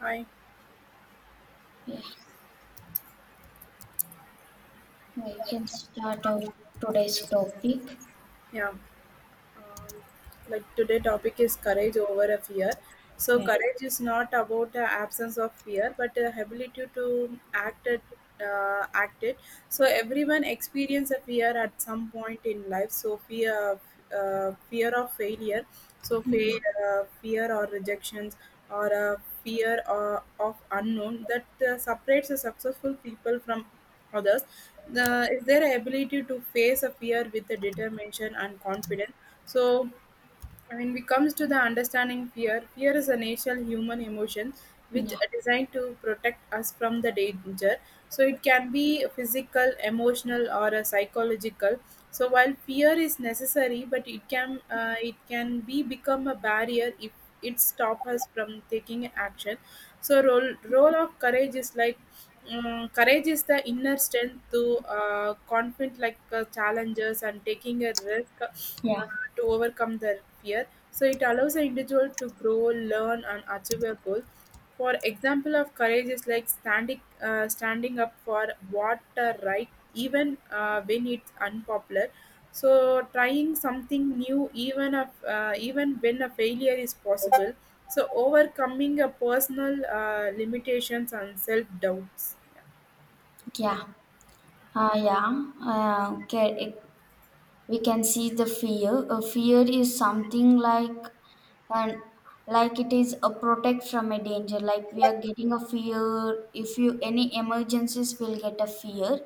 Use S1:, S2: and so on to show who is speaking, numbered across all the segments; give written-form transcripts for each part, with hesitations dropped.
S1: Hi,
S2: Yeah, yeah, you can start out today's topic.
S1: yeah. Um, like today topic is courage over a fear. So
S2: Yeah.
S1: courage is not about the absence of fear, but the ability to act it, act it. So everyone experience a fear at some point in life. So fear fear of failure, so
S2: Yeah,
S1: fear or rejections, or a fear of unknown that separates the successful people from others. The is their ability to face a fear with the determination and confidence, so and when it comes to the understanding fear, fear is a natural human emotion which
S2: yeah,
S1: are designed to protect us from the danger. So it can be physical, emotional, or a psychological. So while fear is necessary, but it can be become a barrier if it stop us from taking action, so role of courage is like, courage is the inner strength to confront like challenges and taking a risk
S2: yeah,
S1: to overcome their fear, so it allows an individual to grow, learn and achieve a goal. For example of courage is like standing up for what right even when it's unpopular, so trying something new even if, even when a failure is possible, so overcoming a personal limitations and self doubts.
S2: yeah. Yeah. Okay. We can see the fear, a fear is something like, and like it is a protect from a danger, like we are getting a fear, if you any emergencies will get a fear.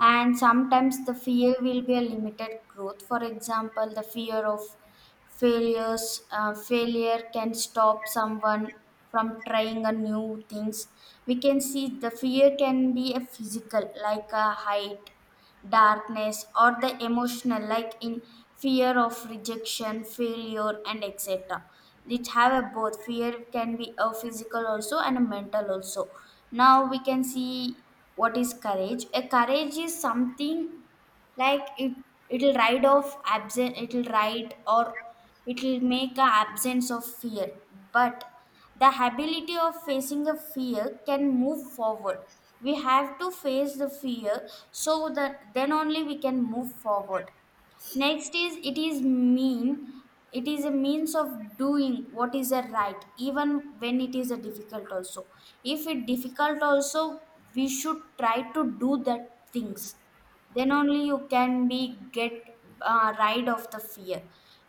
S2: And sometimes the fear will be a limited growth. For example, the fear of failures, failure can stop someone from trying a new things. We can see the fear can be a physical like a height, darkness, or the emotional like in fear of rejection, failure, and etc. It have a both, fear can be a physical also and a mental also. Now we can see what is courage. A courage is something like it, it'll ride off absent, it'll ride, or it'll make a absence of fear. But the ability of facing a fear can move forward. We have to face the fear so that then only we can move forward. Next is, it is mean, it is a means of doing what is a right even when it is a difficult also. If it difficult also, we should try to do that things, then only you can be get rid of the fear.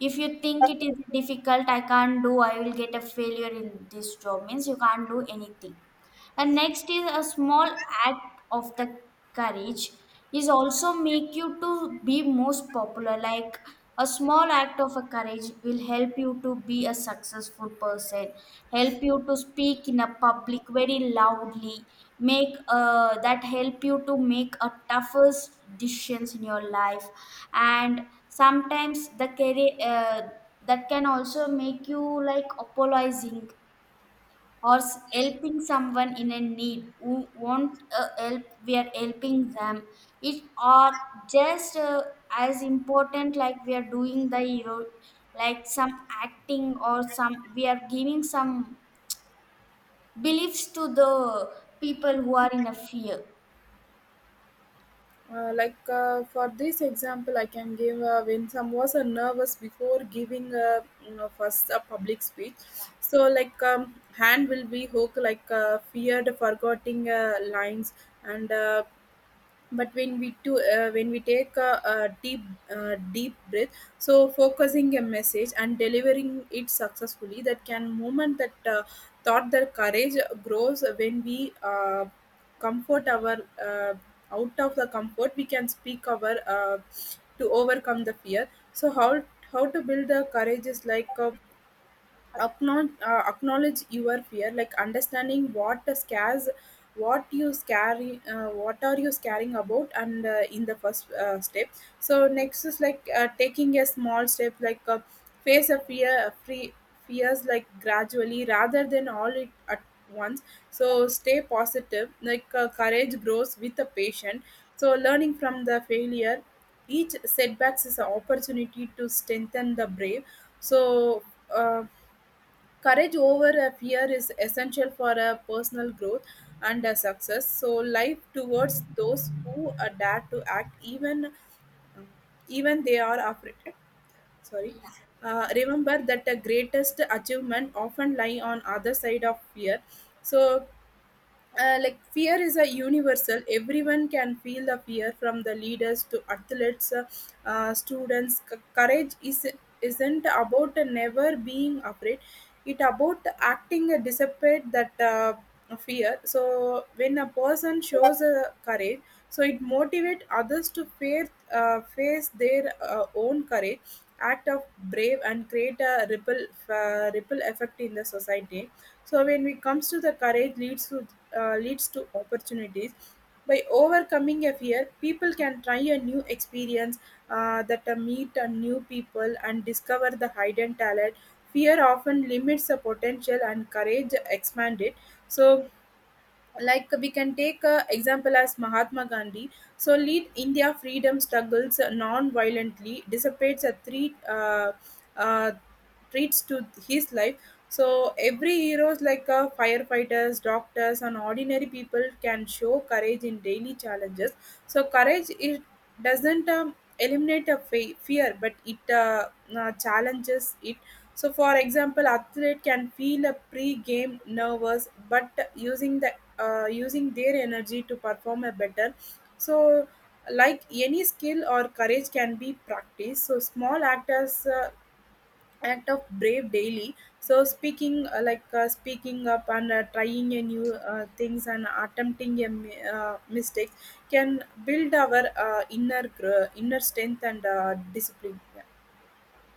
S2: If you think it is difficult, I can't do, I will get a failure in this job means you can't do anything. And next is, a small act of the courage is also make you to be most popular. Like, a small act of a courage will help you to be a successful person, help you to speak in a public very loudly, make that help you to make a toughest decisions in your life, and sometimes the career. That can also make you like apologizing or helping someone in a need who want help, we are helping them. It are just as important, like we are doing the hero, like some acting or some, we are giving some beliefs to the people who are in a fear.
S1: For this example, I can give when some was nervous before giving a, you know, first a public speech. So like, hand will be hook like feared forgetting lines and but when we take a deep breath, so focusing a message and delivering it successfully, that can moment that thought that courage grows when we comfort our, uh, out of the comfort we can speak our to overcome the fear. So how to build the courage is like a acknowledge your fear like understanding what scares, what you scary, what are you scaring about, and in the first step. So next is like taking a small step like, face a fear free fears like gradually rather than all it at once. So stay positive like, courage grows with the patient, so learning from the failure, each setbacks is an opportunity to strengthen the brave. So um, courage over a fear is essential for a personal growth and a success. So life towards those who dare to act even even they are afraid. Sorry. Remember that the greatest achievement often lie on other side of fear. So like fear is a universal, everyone can feel the fear from the leaders to athletes students. Courage is isn't about never being afraid, it about acting despite that fear. So when a person shows courage, so it motivate others to face their own courage, act of brave, and create a ripple effect in the society. So when it comes to the courage leads to leads to opportunities. By overcoming a fear, people can try a new experience, that meet a new people and discover the hidden talent. Fear often limits the potential and courage expand it. So like we can take a example as Mahatma Gandhi, so lead India freedom struggles non-violently, dissipates a three uh, treats to his life. So every heroes like firefighters, doctors and ordinary people can show courage in daily challenges. So courage it doesn't eliminate a fear, but it challenges it. So for example athlete can feel a pre-game nervous but using their energy to perform a better. So like any skill or courage can be practiced, so small actors act of brave daily, so speaking up and trying a new things and attempting a mistakes, can build our inner strength and discipline.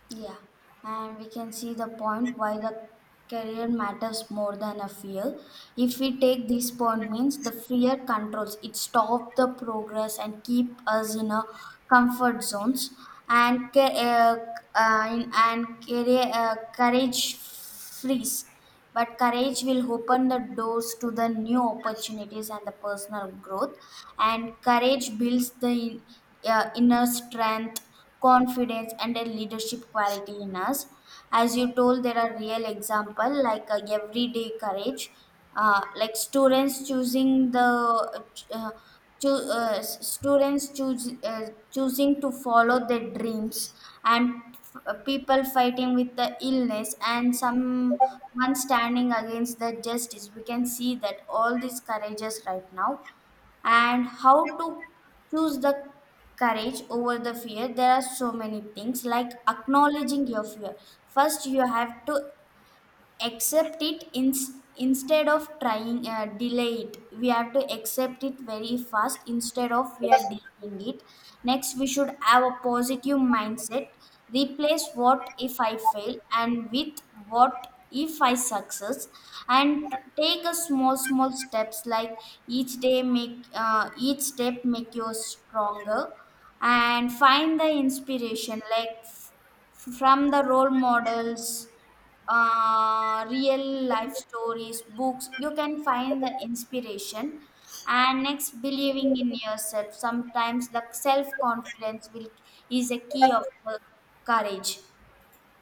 S2: Yeah, and we can see the point why the career matters more than a fear. If we take this point means the fear controls, it stop the progress and keep us in a comfort zones. And ca- uh, uh, and career, courage freeze. But courage will open the doors to the new opportunities and the personal growth. And courage builds the inner strength, confidence, and a leadership quality in us. As you told, there are real example, like everyday courage, like students choosing the uh, Cho- uh, students choose choosing to follow their dreams, and people fighting with the illness, and some one standing against the justice, we can see that all these courages right now. And how to choose the courage over the fear, there are so many things, like acknowledging your fear. First, you have to accept it in, instead of trying delay it, we have to accept it very fast instead of we are delaying it. Next, we should have a positive mindset, replace what if I fail and with what if I success. And take a small small steps, like each day make each step make you stronger. And find the inspiration, like from the role models, real life stories, books, you can find the inspiration. And next, believing in yourself. Sometimes the self confidence will, is a key of the courage.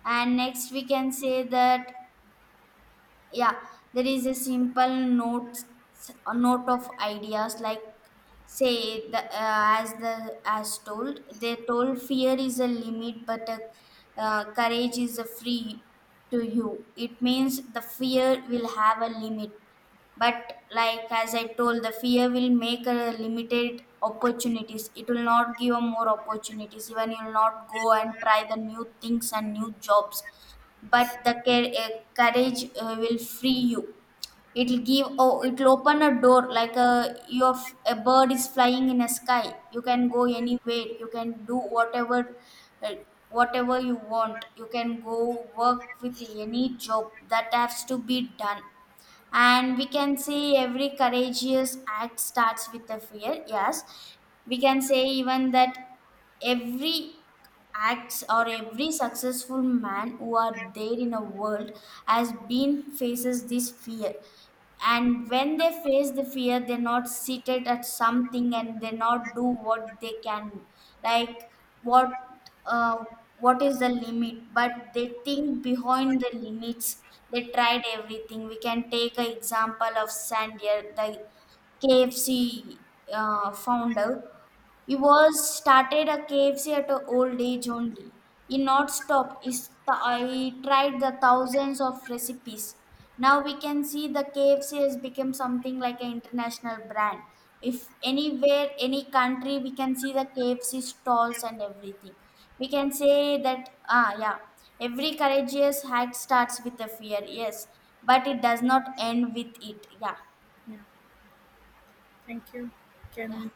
S2: And next, we can say that, yeah, there is a simple notes, a note of ideas, like say the, as the as told, they told, fear is a limit, but courage is a free to you. It means the fear will have a limit, but like as I told, the fear will make a limited opportunities, it will not give more opportunities, even you will not go and try the new things and new jobs. But courage will free you, it'll give, oh, it'll open a door, like a your a bird is flying in a sky, you can go anywhere, you can do whatever, uh, whatever you want, you can go work with any job that has to be done. And we can say every courageous act starts with a fear, yes. We can say even that every acts or every successful man who are there in a world has been faces this fear. And when they face the fear, they're not seated at something and they not do what they can. Like what, uh, what is the limit, but they think behind the limits, they tried everything. We can take an example of Sandia, the KFC founder. He was started a KFC at an old age only. He not stop. He, he tried the thousands of recipes. Now we can see the KFC has become something like an international brand. If anywhere, any country, we can see the KFC stalls and everything. We can say that, ah, yeah, every courageous act starts with a fear. Yes, but it does not end with it. Yeah,
S1: Yeah, yeah, thank you.
S2: yeah.
S1: Can